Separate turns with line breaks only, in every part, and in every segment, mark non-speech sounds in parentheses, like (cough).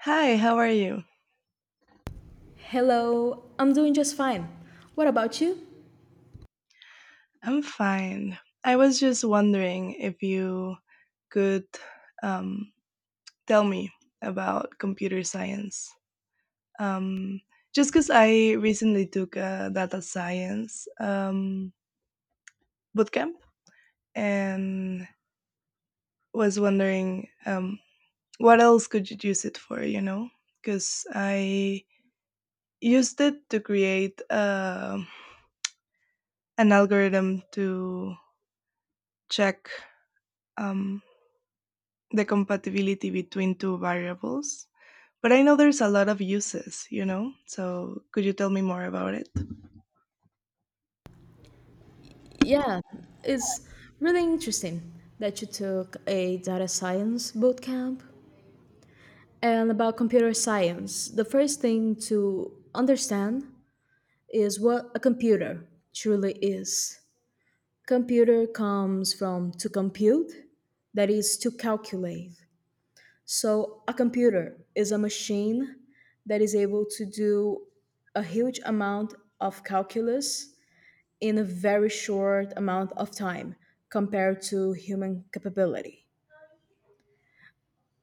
Hi, how are you?
Hello, I'm doing just fine. What about you?
I'm fine. I was just wondering if you could um, tell me about computer science. Um, just because I recently took a data science bootcamp and was wondering what else could you use it for, you know? Because I used it to create an algorithm to check um, the compatibility between two variables. But I know there's a lot of uses, you know? So could you tell me more about it?
Yeah, it's really interesting that you took a data science bootcamp. And about computer science, the first thing to understand is what a computer truly is. Computer comes from to compute, that is, to calculate. So a computer is a machine that is able to do a huge amount of calculus in a very short amount of time compared to human capability.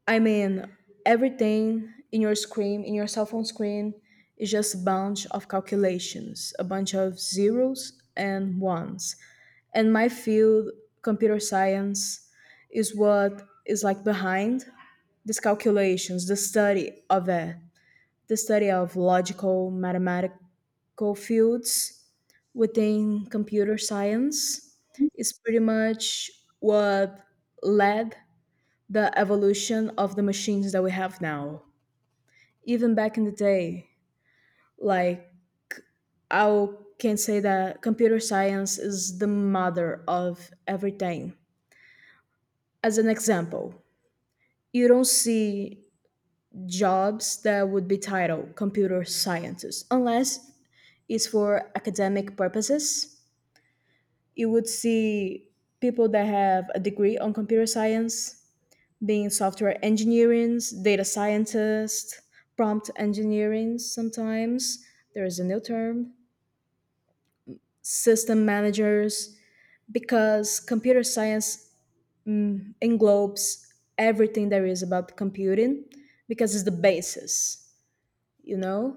I mean, everything in your screen, in your cell phone screen, is just a bunch of calculations, a bunch of zeros and ones. And my field, computer science, is what is like behind these calculations, the study of it, the study of logical mathematical fields within computer science is pretty much what led the evolution of the machines that we have now. Even back in the day, like, I can say that computer science is the mother of everything. As an example, you don't see jobs that would be titled computer scientist unless is for academic purposes. You would see people that have a degree on computer science being software engineers, data scientists, prompt engineering sometimes. There is a new term, system managers, because computer science englobes everything there is about computing because it's the basis, you know?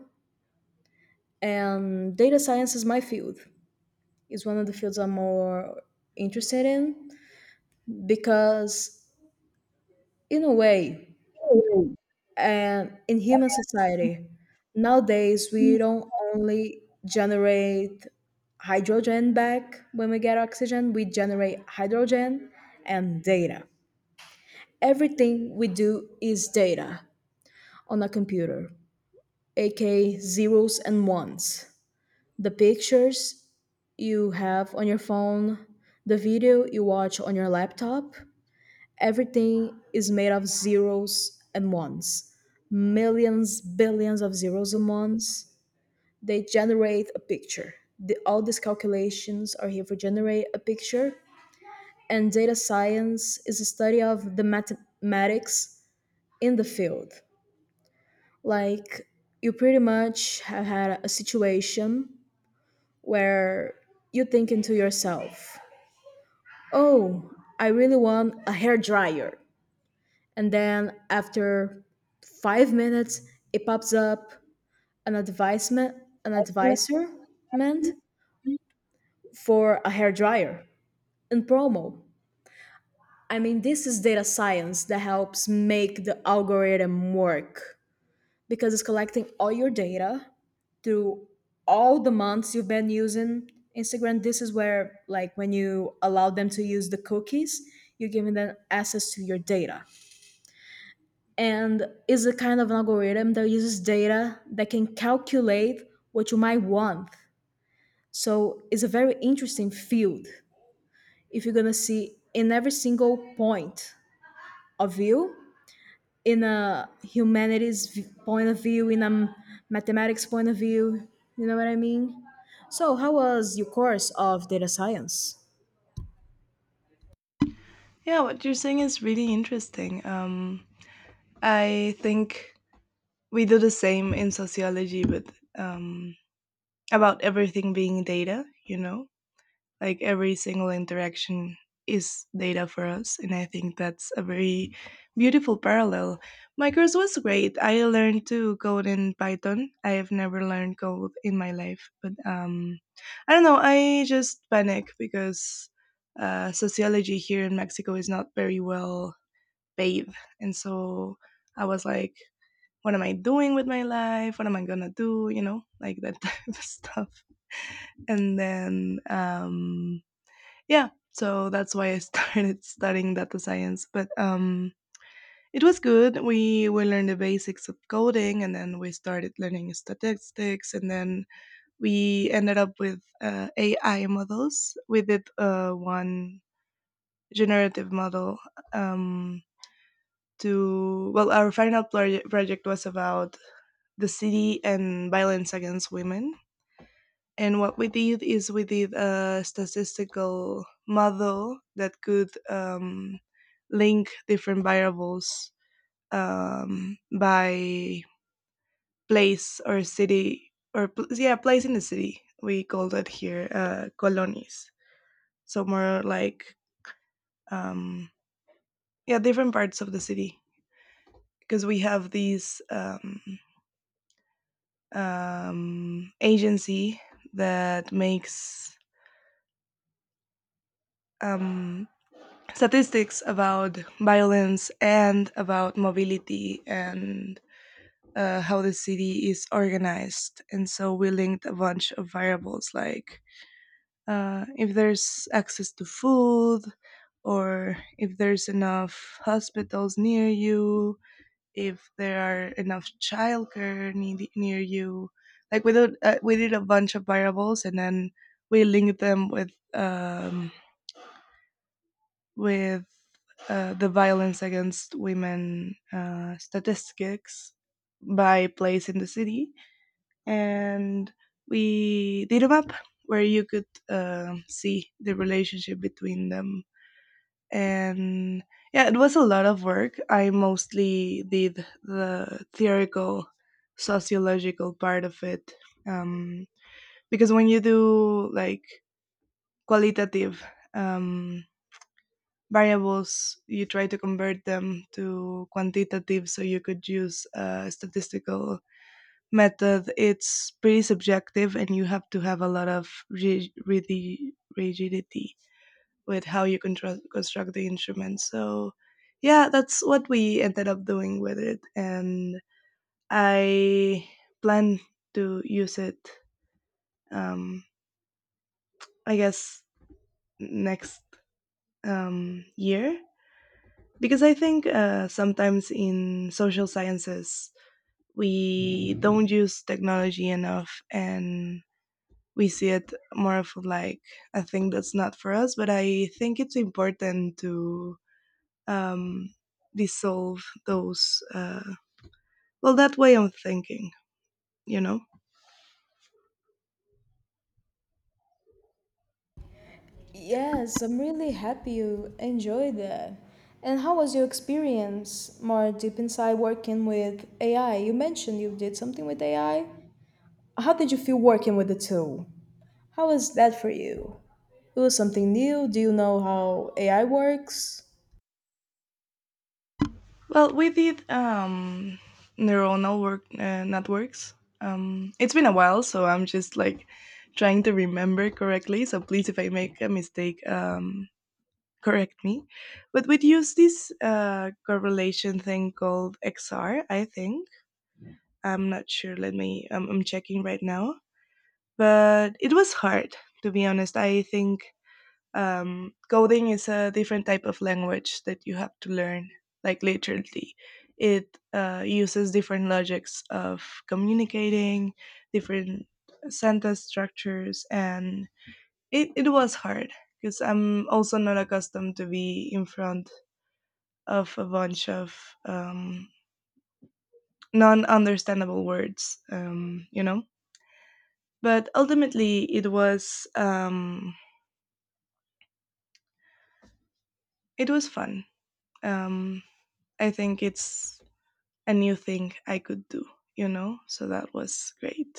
And data science is my field. It's one of the fields I'm more interested in because in a way, and in human society nowadays, we don't only generate hydrogen. Back when we get oxygen, we generate hydrogen and data. Everything we do is data on a computer, aka zeros and ones. The pictures you have on your phone, the video you watch on your laptop. Everything is made of zeros and ones. Millions, billions of zeros and ones. They generate a picture. All these calculations are here for generate a picture. And data science is a study of the mathematics in the field. Like, you pretty much have had a situation where you're thinking to yourself, oh, I really want a hair dryer, and then after 5 minutes it pops up an advisement an advisorment for a hair dryer in promo. I mean, this is data science that helps make the algorithm work because it's collecting all your data through all the months you've been using Instagram. This is where, like, when you allow them to use the cookies, you're giving them access to your data. And is a kind of an algorithm that uses data that can calculate what you might want. So it's a very interesting field if you're gonna see in every single point of view, in a point of view, in a mathematics point of view. You know what I mean? So how was your course of data science?
Yeah, what you're saying is really interesting. I think we do the same in sociology, but um, about everything being data, you know? Like every single interaction is data for us, and I think that's a very beautiful parallel. My course was great. I learned to code in Python. I have never learned code in my life, but I don't know, I just panic because sociology here in Mexico is not very well paid, and so I was like, what am I doing with my life? What am I gonna do, you know, like that (laughs) type of stuff. And then Yeah, so that's why I started (laughs) studying data science. But it was good. We learned the basics of coding, and then we started learning statistics, and then we ended up with AI models. We did one generative model um, to, well, our final project was about the city and violence against women. And what we did is we did a statistical model that could link different variables by place or city or yeah, place in the city. We call that here colonies. So more like um, yeah, different parts of the city, because we have these agency that makes um, statistics about violence and about mobility and how the city is organized. And so we linked a bunch of variables, like if there's access to food, or if there's enough hospitals near you, if there are enough near you. We did a bunch of variables, and then we linked them with with the violence against women statistics by place in the city, and we did a map where you could see the relationship between them. And yeah, it was a lot of work. I mostly did the theoretical, sociological part of it um, because when you do like qualitative um, variables, you try to convert them to quantitative so you could use a statistical method. It's pretty subjective, and you have to have a lot of really rigidity with how you construct the instrument. So yeah, that's what we ended up doing with it. And I plan to use it um I guess next year, because I think sometimes in social sciences we don't use technology enough, and we see it more of like a thing that's not for us. But I think it's important to um, dissolve those well, that way of thinking. You know.
Yes, I'm really happy you enjoyed that. And how was your experience more deep inside working with AI? You mentioned you did something with AI. How did you feel working with the tool? How was that for you? It was something new. Do you know how AI works?
Well, we did neuronal work networks. It's been a while, so I'm just like trying to remember correctly. So please, if I make a mistake, correct me. But we'd use this correlation thing called XR, I think. I'm not sure. Let me. I'm checking right now. But it was hard, to be honest. I think coding is a different type of language that you have to learn, like literally. It uses different logics of communicating, different sentence structures, and it was hard because I'm also not accustomed to be in front of a bunch of non-understandable words, you know. But ultimately, it was fun. um, I think it's a new thing I could do, you know? So that was great.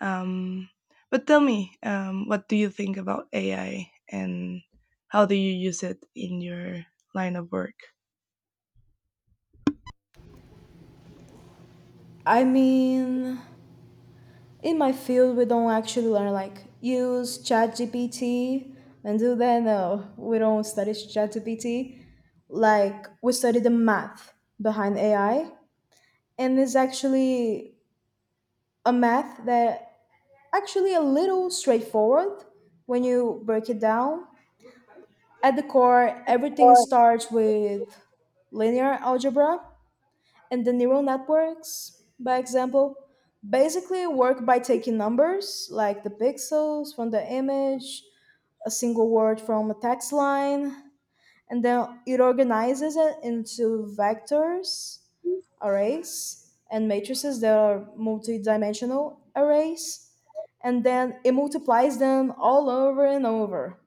Um, but tell me, what do you think about AI, and how do you use it in your line of work?
I mean, in my field, we don't actually learn like use ChatGPT and do that. No, we don't study ChatGPT. Like we study the math behind AI, and is actually a math that actually a little straightforward when you break it down. At the core, everything starts with linear algebra, and the neural networks by example basically work by taking numbers like the pixels from the image, a single word from a text line, and then it organizes it into vectors, arrays, and matrices that are multidimensional arrays, and then it multiplies them all over and over.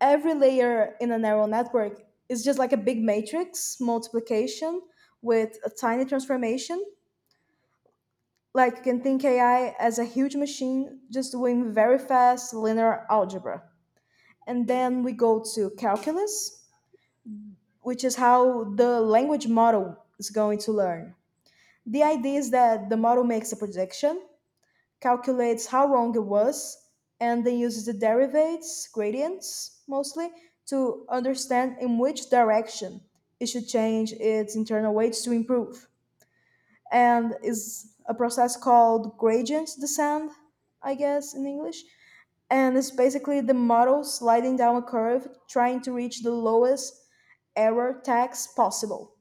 Every layer in a neural network is just like a big matrix multiplication with a tiny transformation. Like, you can think AI as a huge machine just doing very fast linear algebra. And then we go to calculus, which is how the language model is going to learn. The idea is that the model makes a prediction, calculates how wrong it was, and then uses the derivatives, gradients mostly, to understand in which direction it should change its internal weights to improve. And is a process called gradient descent, I guess in English. And it's basically the model sliding down a curve trying to reach the lowest error tax possible.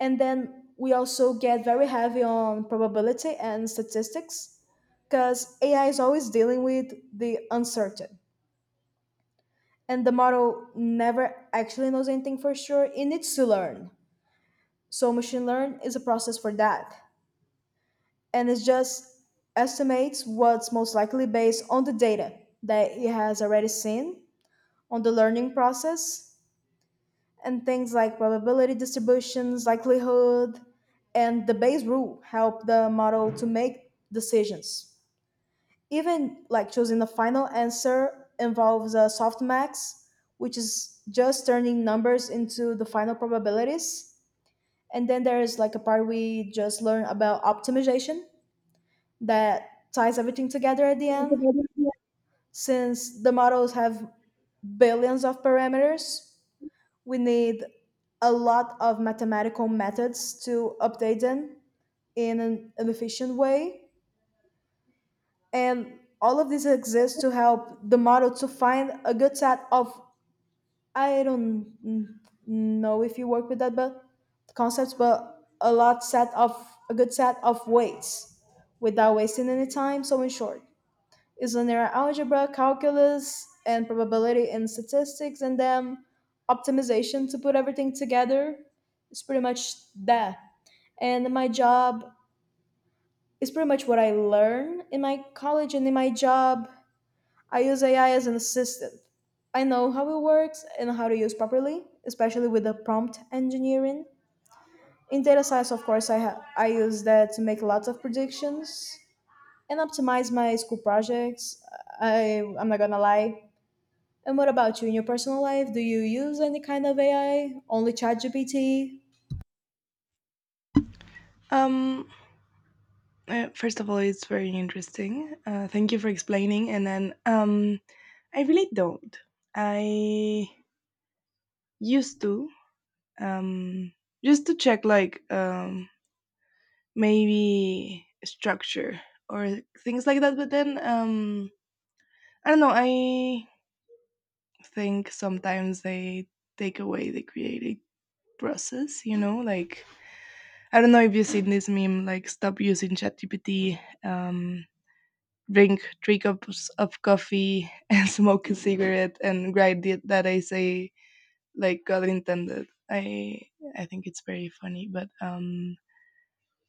And then we also get very heavy on probability and statistics because AI is always dealing with the uncertain. And the model never actually knows anything for sure. It needs to learn. So machine learn is a process for that. And it just estimates what's most likely based on the data that it has already seen on the learning process, and things like probability distributions, likelihood, and the Bayes rule help the model to make decisions. Even like choosing the final answer involves a softmax, which is just turning numbers into the final probabilities. And then there is like a part we just learned about optimization that ties everything together at the end. Since the models have billions of parameters, we need a lot of mathematical methods to update them in an efficient way. And all of this exists to help the model to find a good set of, I don't know if you work with that but concepts, but a lot set of, a good set of weights without wasting any time. So in short, is linear algebra, calculus, and probability and statistics, and then optimization to put everything together? It's pretty much that. And my job is pretty much what I learn in my college and in my job. I use AI as an assistant. I know how it works and how to use properly, especially with the prompt engineering. In data science, of course, I use that to make lots of predictions and optimize my school projects. I'm not gonna lie. And what about you in your personal life? Do you use any kind of AI? Only ChatGPT?
Um, First of all, it's very interesting. Thank you for explaining. And then, I really don't. I used to, um, just to check like maybe structure or things like that. But then I don't know. I think sometimes they take away the creative process. You know, like I don't know if you've seen this meme, like stop using ChatGPT, drink three cups of coffee (laughs) and smoke a cigarette and write the, that essay like God intended. I think it's very funny, but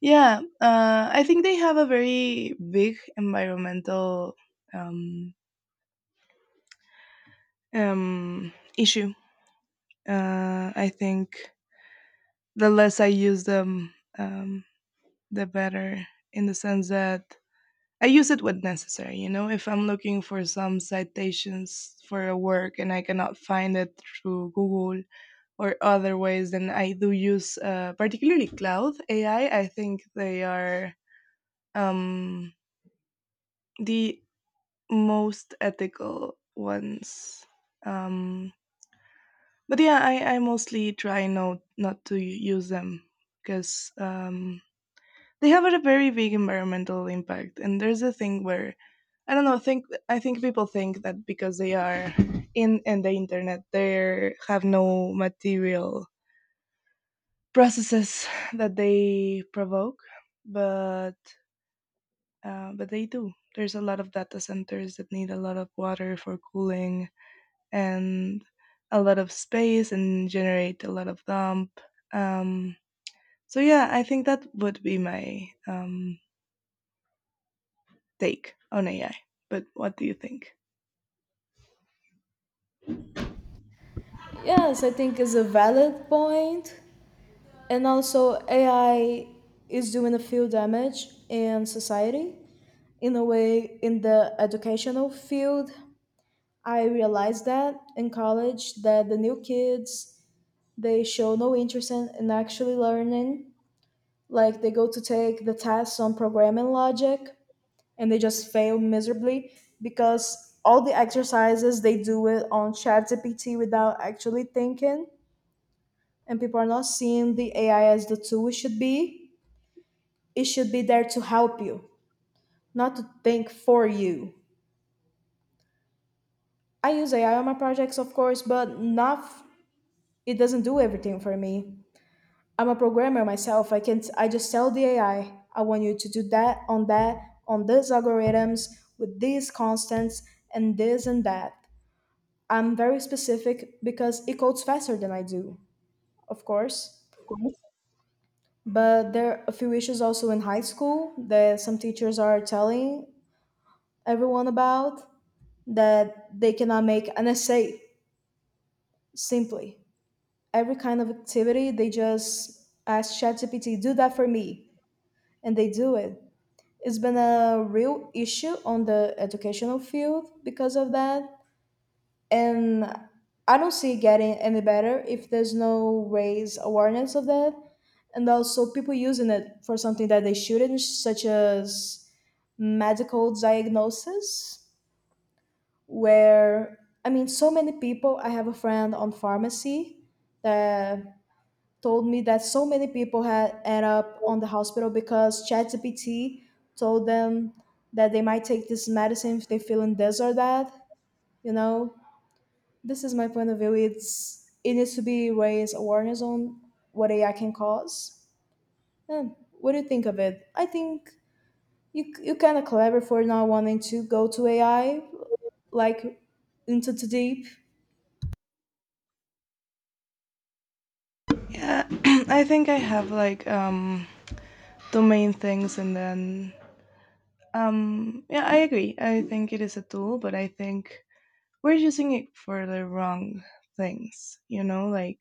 Yeah, I think they have a very big environmental um, um, issue. I think the less I use them, um, the better, in the sense that I use it when necessary. You know, if I'm looking for some citations for a work and I cannot find it through Google or other ways, then I do use particularly cloud AI. I think they are. Um, the most ethical ones. Um, but yeah, I mostly try no, not to use them because they have a very big environmental impact. And there's a thing where I don't know. Think I think people think that because they are in the internet, they have no material processes (sighs) that they provoke, but but they do. There's a lot of data centers that need a lot of water for cooling and a lot of space and generate a lot of dump. Um, so yeah, I think that would be my take on AI. But what do you think?
Yes, I think is a valid point. And also AI is doing a few damage in society. In a way, in the educational field, I realized that in college that the new kids they show no interest in actually learning. Like they go to take the tests on programming logic and they just fail miserably because all the exercises they do it on ChatGPT without actually thinking, and people are not seeing the AI as the tool it should be. It should be there to help you, not to think for you. I use AI on my projects, of course, but not f- it doesn't do everything for me. I'm a programmer myself. I just tell the AI, I want you to do that on that on these algorithms with these constants and this and that. I'm very specific because it codes faster than I do, of course. But there are a few issues also in high school that some teachers are telling everyone about that they cannot make an essay simply. Every kind of activity, they just ask ChatGPT, do that for me, and they do it. It's been a real issue on the educational field because of that. And I don't see it getting any better if there's no raise awareness of that, and also people using it for something that they shouldn't, such as medical diagnosis, where I mean so many people, I have a friend on pharmacy that told me that so many people had end up on the hospital because ChatGPT told them that they might take this medicine if they're feeling this or that, you know. This is my point of view. It needs to be raised awareness on what AI can cause. And what do you think of it? I think you kind of clever for not wanting to go to AI like into the deep.
Yeah, (clears throat) I think I have like two main things, and then yeah, I agree. I think it is a tool, but I think we're using it for the wrong things. You know, like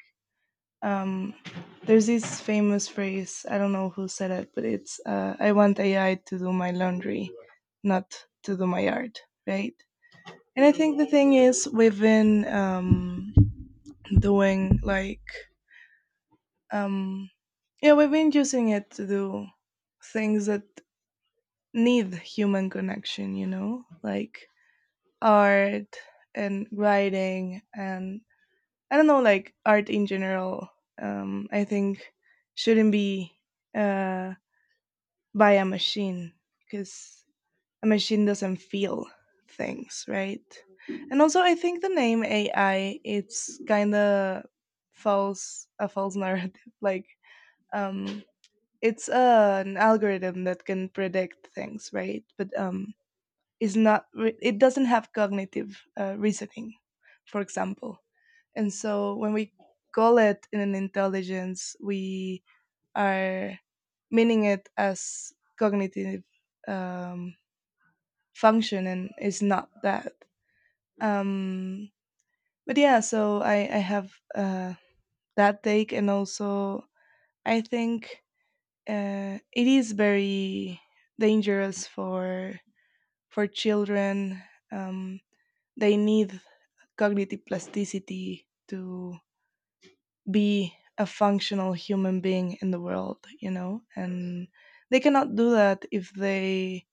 Um, there's this famous phrase, I don't know who said it, but it's I want AI to do my laundry, not to do my art, right? And I think the thing is, we've been doing like, um, yeah, we've been using it to do things that need human connection, you know, like art and writing, and I don't know, like art in general, I think shouldn't be uh, by a machine, because a machine doesn't feel things, right? And also, I think the name AI, it's kind of false, a false narrative. (laughs) Like, um, it's an algorithm that can predict things, right? But is not it doesn't have cognitive reasoning, for example. And so when we call it in an intelligence, we are meaning it as cognitive um, function, and it's not that. Um, but yeah, so I have that take. And also, I think it is very dangerous for children. Um, they need cognitive plasticity to be a functional human being in the world, you know? And they cannot do that if they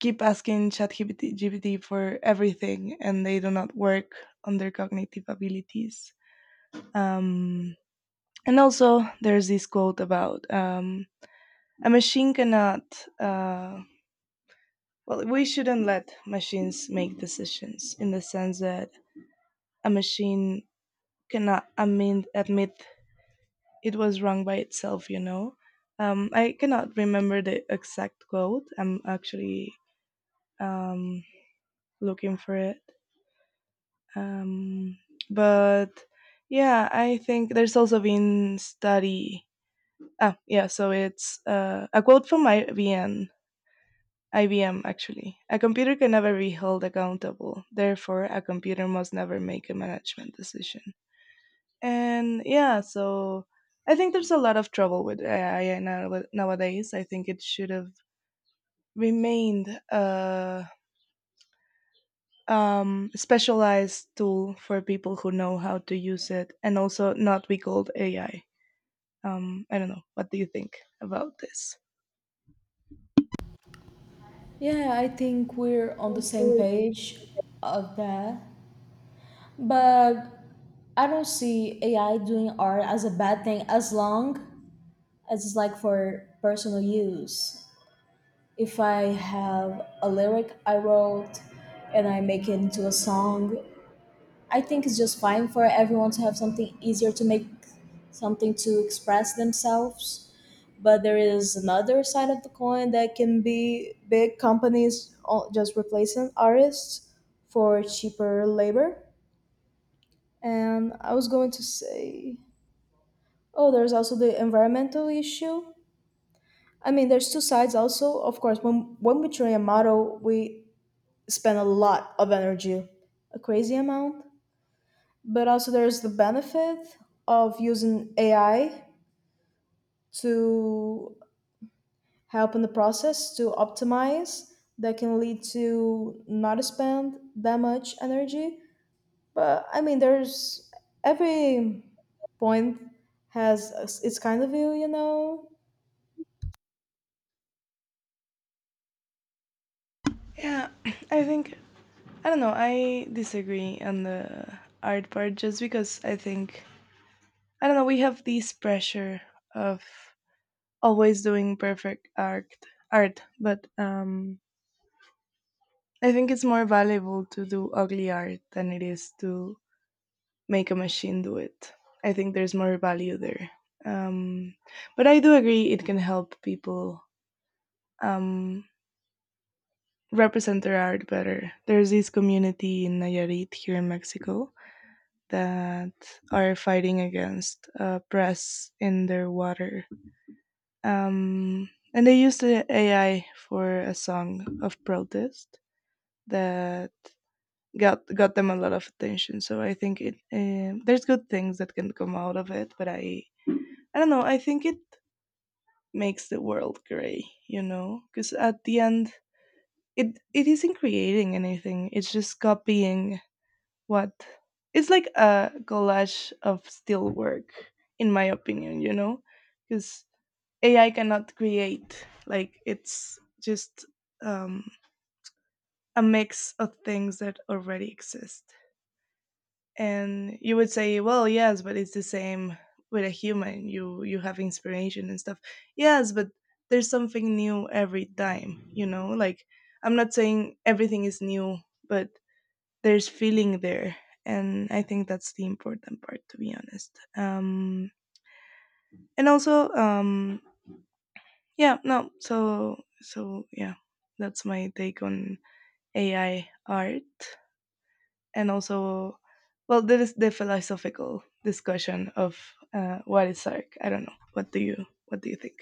keep asking ChatGPT GPT for everything, and they do not work on their cognitive abilities. Um, and also, there's this quote about a machine cannot. Uh, well, we shouldn't let machines make decisions, in the sense that a machine cannot admit it was wrong by itself, you know. I cannot remember the exact quote. I'm actually um, looking for it. Um, but yeah, I think there's also been study. Ah, yeah, so it's a quote from IBM. IBM actually. A computer can never be held accountable. Therefore, a computer must never make a management decision. And yeah, so I think there's a lot of trouble with AI nowadays. I think it should have remained a specialized tool for people who know how to use it, and also not be called AI. I don't know, what do you think about this?
Yeah, I think we're on the same page of that. But I don't see AI doing art as a bad thing as long as it's like for personal use. If I have a lyric I wrote and I make it into a song, I think it's just fine for everyone to have something easier to make something to express themselves. But there is another side of the coin that can be big companies just replacing artists for cheaper labor. And I was going to say, oh, there's also the environmental issue. I mean, there's two sides also. Of course, when we train a model, we spend a lot of energy, a crazy amount. But also, there's the benefit of using AI to help in the process to optimize that can lead to not spend that much energy. But I mean, there's every point has its kind of view, you know?
Yeah, (clears throat) I think I don't know, I disagree on the art part, just because I think I don't know, we have this pressure of always doing perfect art, but I think it's more valuable to do ugly art than it is to make a machine do it. I think there's more value there. um but I do agree it can help people um represent their art better. There's this community in Nayarit here in Mexico that are fighting against press in their water, and they used the AI for a song of protest that got them a lot of attention. So I think it there's good things that can come out of it, but I don't know. I think it makes the world gray, you know, because at the end, it isn't creating anything. It's just copying what it's like a collage of still work, in my opinion, you know, because AI cannot create. Like, it's just um, a mix of things that already exist. And you would say, well, yes, but it's the same with a human. You have inspiration and stuff. Yes, but there's something new every time, you know, like, I'm not saying everything is new, but there's feeling there, and I think that's the important part, to be honest. And also yeah, no, so so yeah, that's my take on AI art. And also, well, there is the philosophical discussion of what is sark. I don't know, what do you think?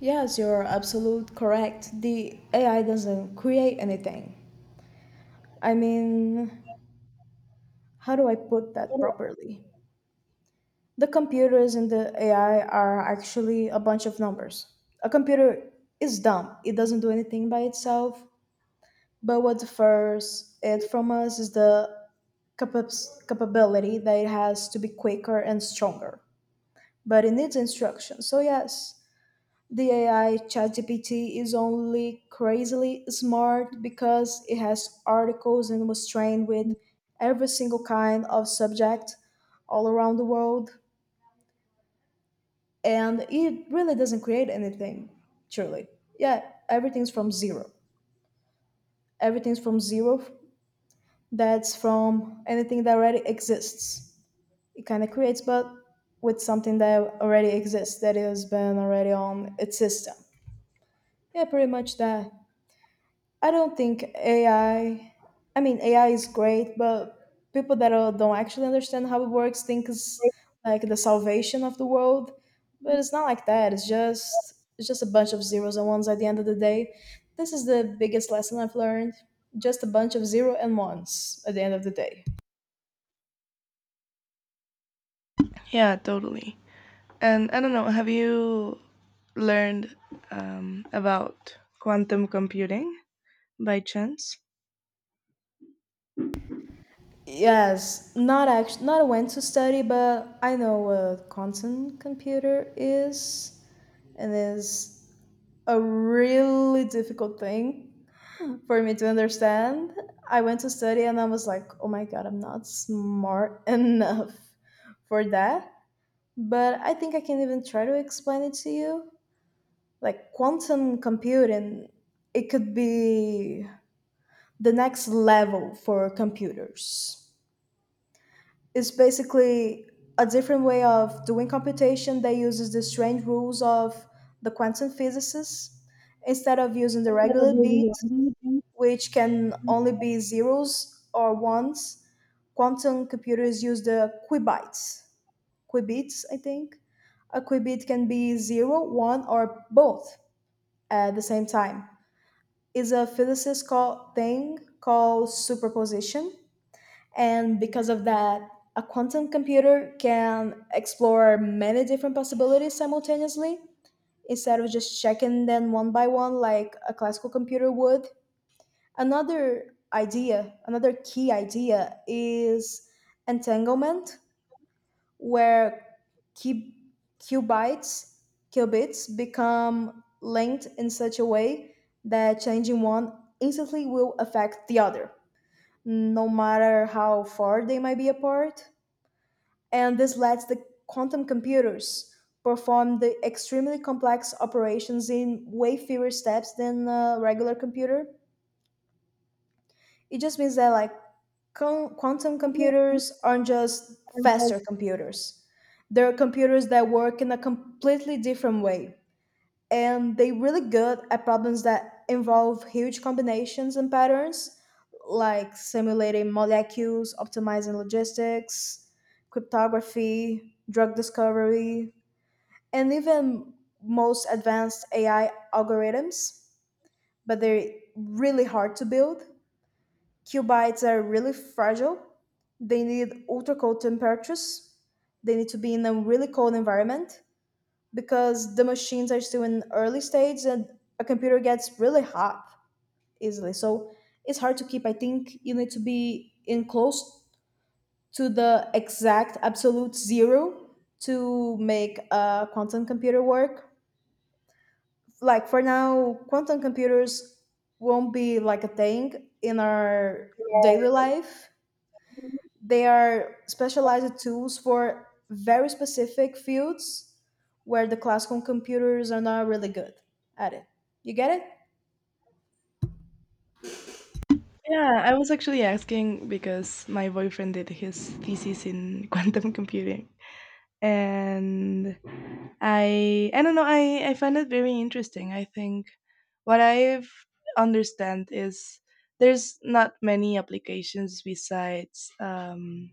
Yes, you're absolute correct. The AI doesn't create anything. I mean, how do I put that properly? The computers and the AI are actually a bunch of numbers. A computer is dumb, it doesn't do anything by itself. But what differs it from us is the capability that it has to be quicker and stronger. But it needs instruction. So, yes, the AI ChatGPT is only crazily smart because it has articles and was trained with every single kind of subject all around the world, and it really doesn't create anything truly. Yeah, everything's from zero. everything's from zero f- that's from anything that already exists. It kind of creates, but with something that already exists, that has been already on its system. Yeah, pretty much that. I don't think AI. I mean, AI is great, but people that don't actually understand how it works think it's like the salvation of the world. But it's not like that. It's just a bunch of zeros and ones at the end of the day. This is the biggest lesson I've learned. Just a bunch of zero and ones at the end of the day.
Yeah, totally. And I don't know, have you learned about quantum computing, by chance?
Yes, not actually not when to study, but I know what quantum computer is, and is a really difficult thing for me to understand. I went to study and I was like, oh my god, I'm not smart (laughs) enough for that. But I think I can even try to explain it to you. Like quantum computing, it could be the next level for computers. It's basically a different way of doing computation that uses the strange rules of the quantum physicists instead of using the regular beat, which can only be zeros or ones. Quantum computers use the qubits. Qubits, I think. A qubit can be zero, one, or both at the same time. It's a physicist called thing called superposition, and because of that, a quantum computer can explore many different possibilities simultaneously instead of just checking them one by one like a classical computer would. Another idea, another key idea is entanglement, where cu- qubits, qubits become linked in such a way that changing one instantly will affect the other, no matter how far they might be apart. And this lets the quantum computers perform the extremely complex operations in way fewer steps than a regular computer. It just means that, like, quantum computers aren't just faster computers. They're computers that work in a completely different way. And they're really good at problems that involve huge combinations and patterns, like simulating molecules, optimizing logistics, cryptography, drug discovery, and even most advanced AI algorithms. But they're really hard to build. Cubites are really fragile. They need ultra cold temperatures. They need to be in a really cold environment because the machines are still in early stage and a computer gets really hot easily. So it's hard to keep. I think you need to be in close to the exact absolute zero to make a quantum computer work. Like for now, quantum computers won't be like a thing in our daily life. They are specialized tools for very specific fields where the classical computers are not really good at it. You get it?
Yeah, I was actually asking because my boyfriend did his thesis in (laughs) quantum computing. And I don't know, I find it very interesting. I think what I've understand is there's not many applications besides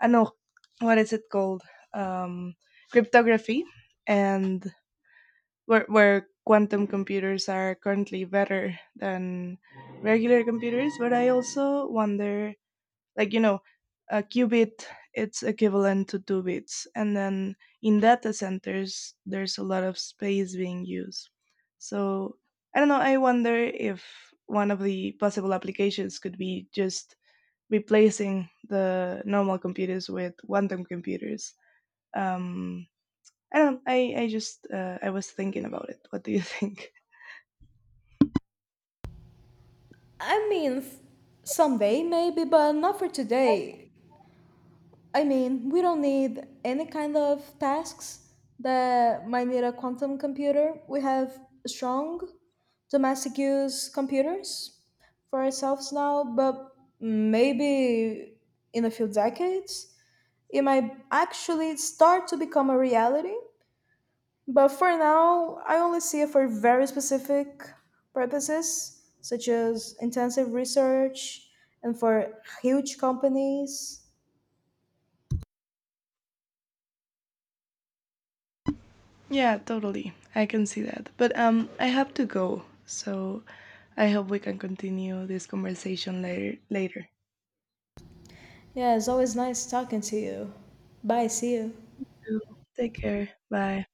I know, what is it called? Um Cryptography. And where quantum computers are currently better than regular computers. But I also wonder, like, you know, a qubit, it's equivalent to two bits, and then in data centers there's a lot of space being used. So I don't know, I wonder if one of the possible applications could be just replacing the normal computers with quantum computers. um, I don't know, I just I was thinking about it. What do you (laughs) think?
I mean, someday maybe, but not for today. I mean, we don't need any kind of tasks that might need a quantum computer. We have strong domestic use computers for ourselves now, but maybe in a few decades, it might actually start to become a reality. But for now, I only see it for very specific purposes, such as intensive research and for huge companies.
Yeah, totally. I can see that. But um, I have to go. So I hope we can continue this conversation later later.
Yeah, it's always nice talking to you. Bye, see you.
So, take care. Bye.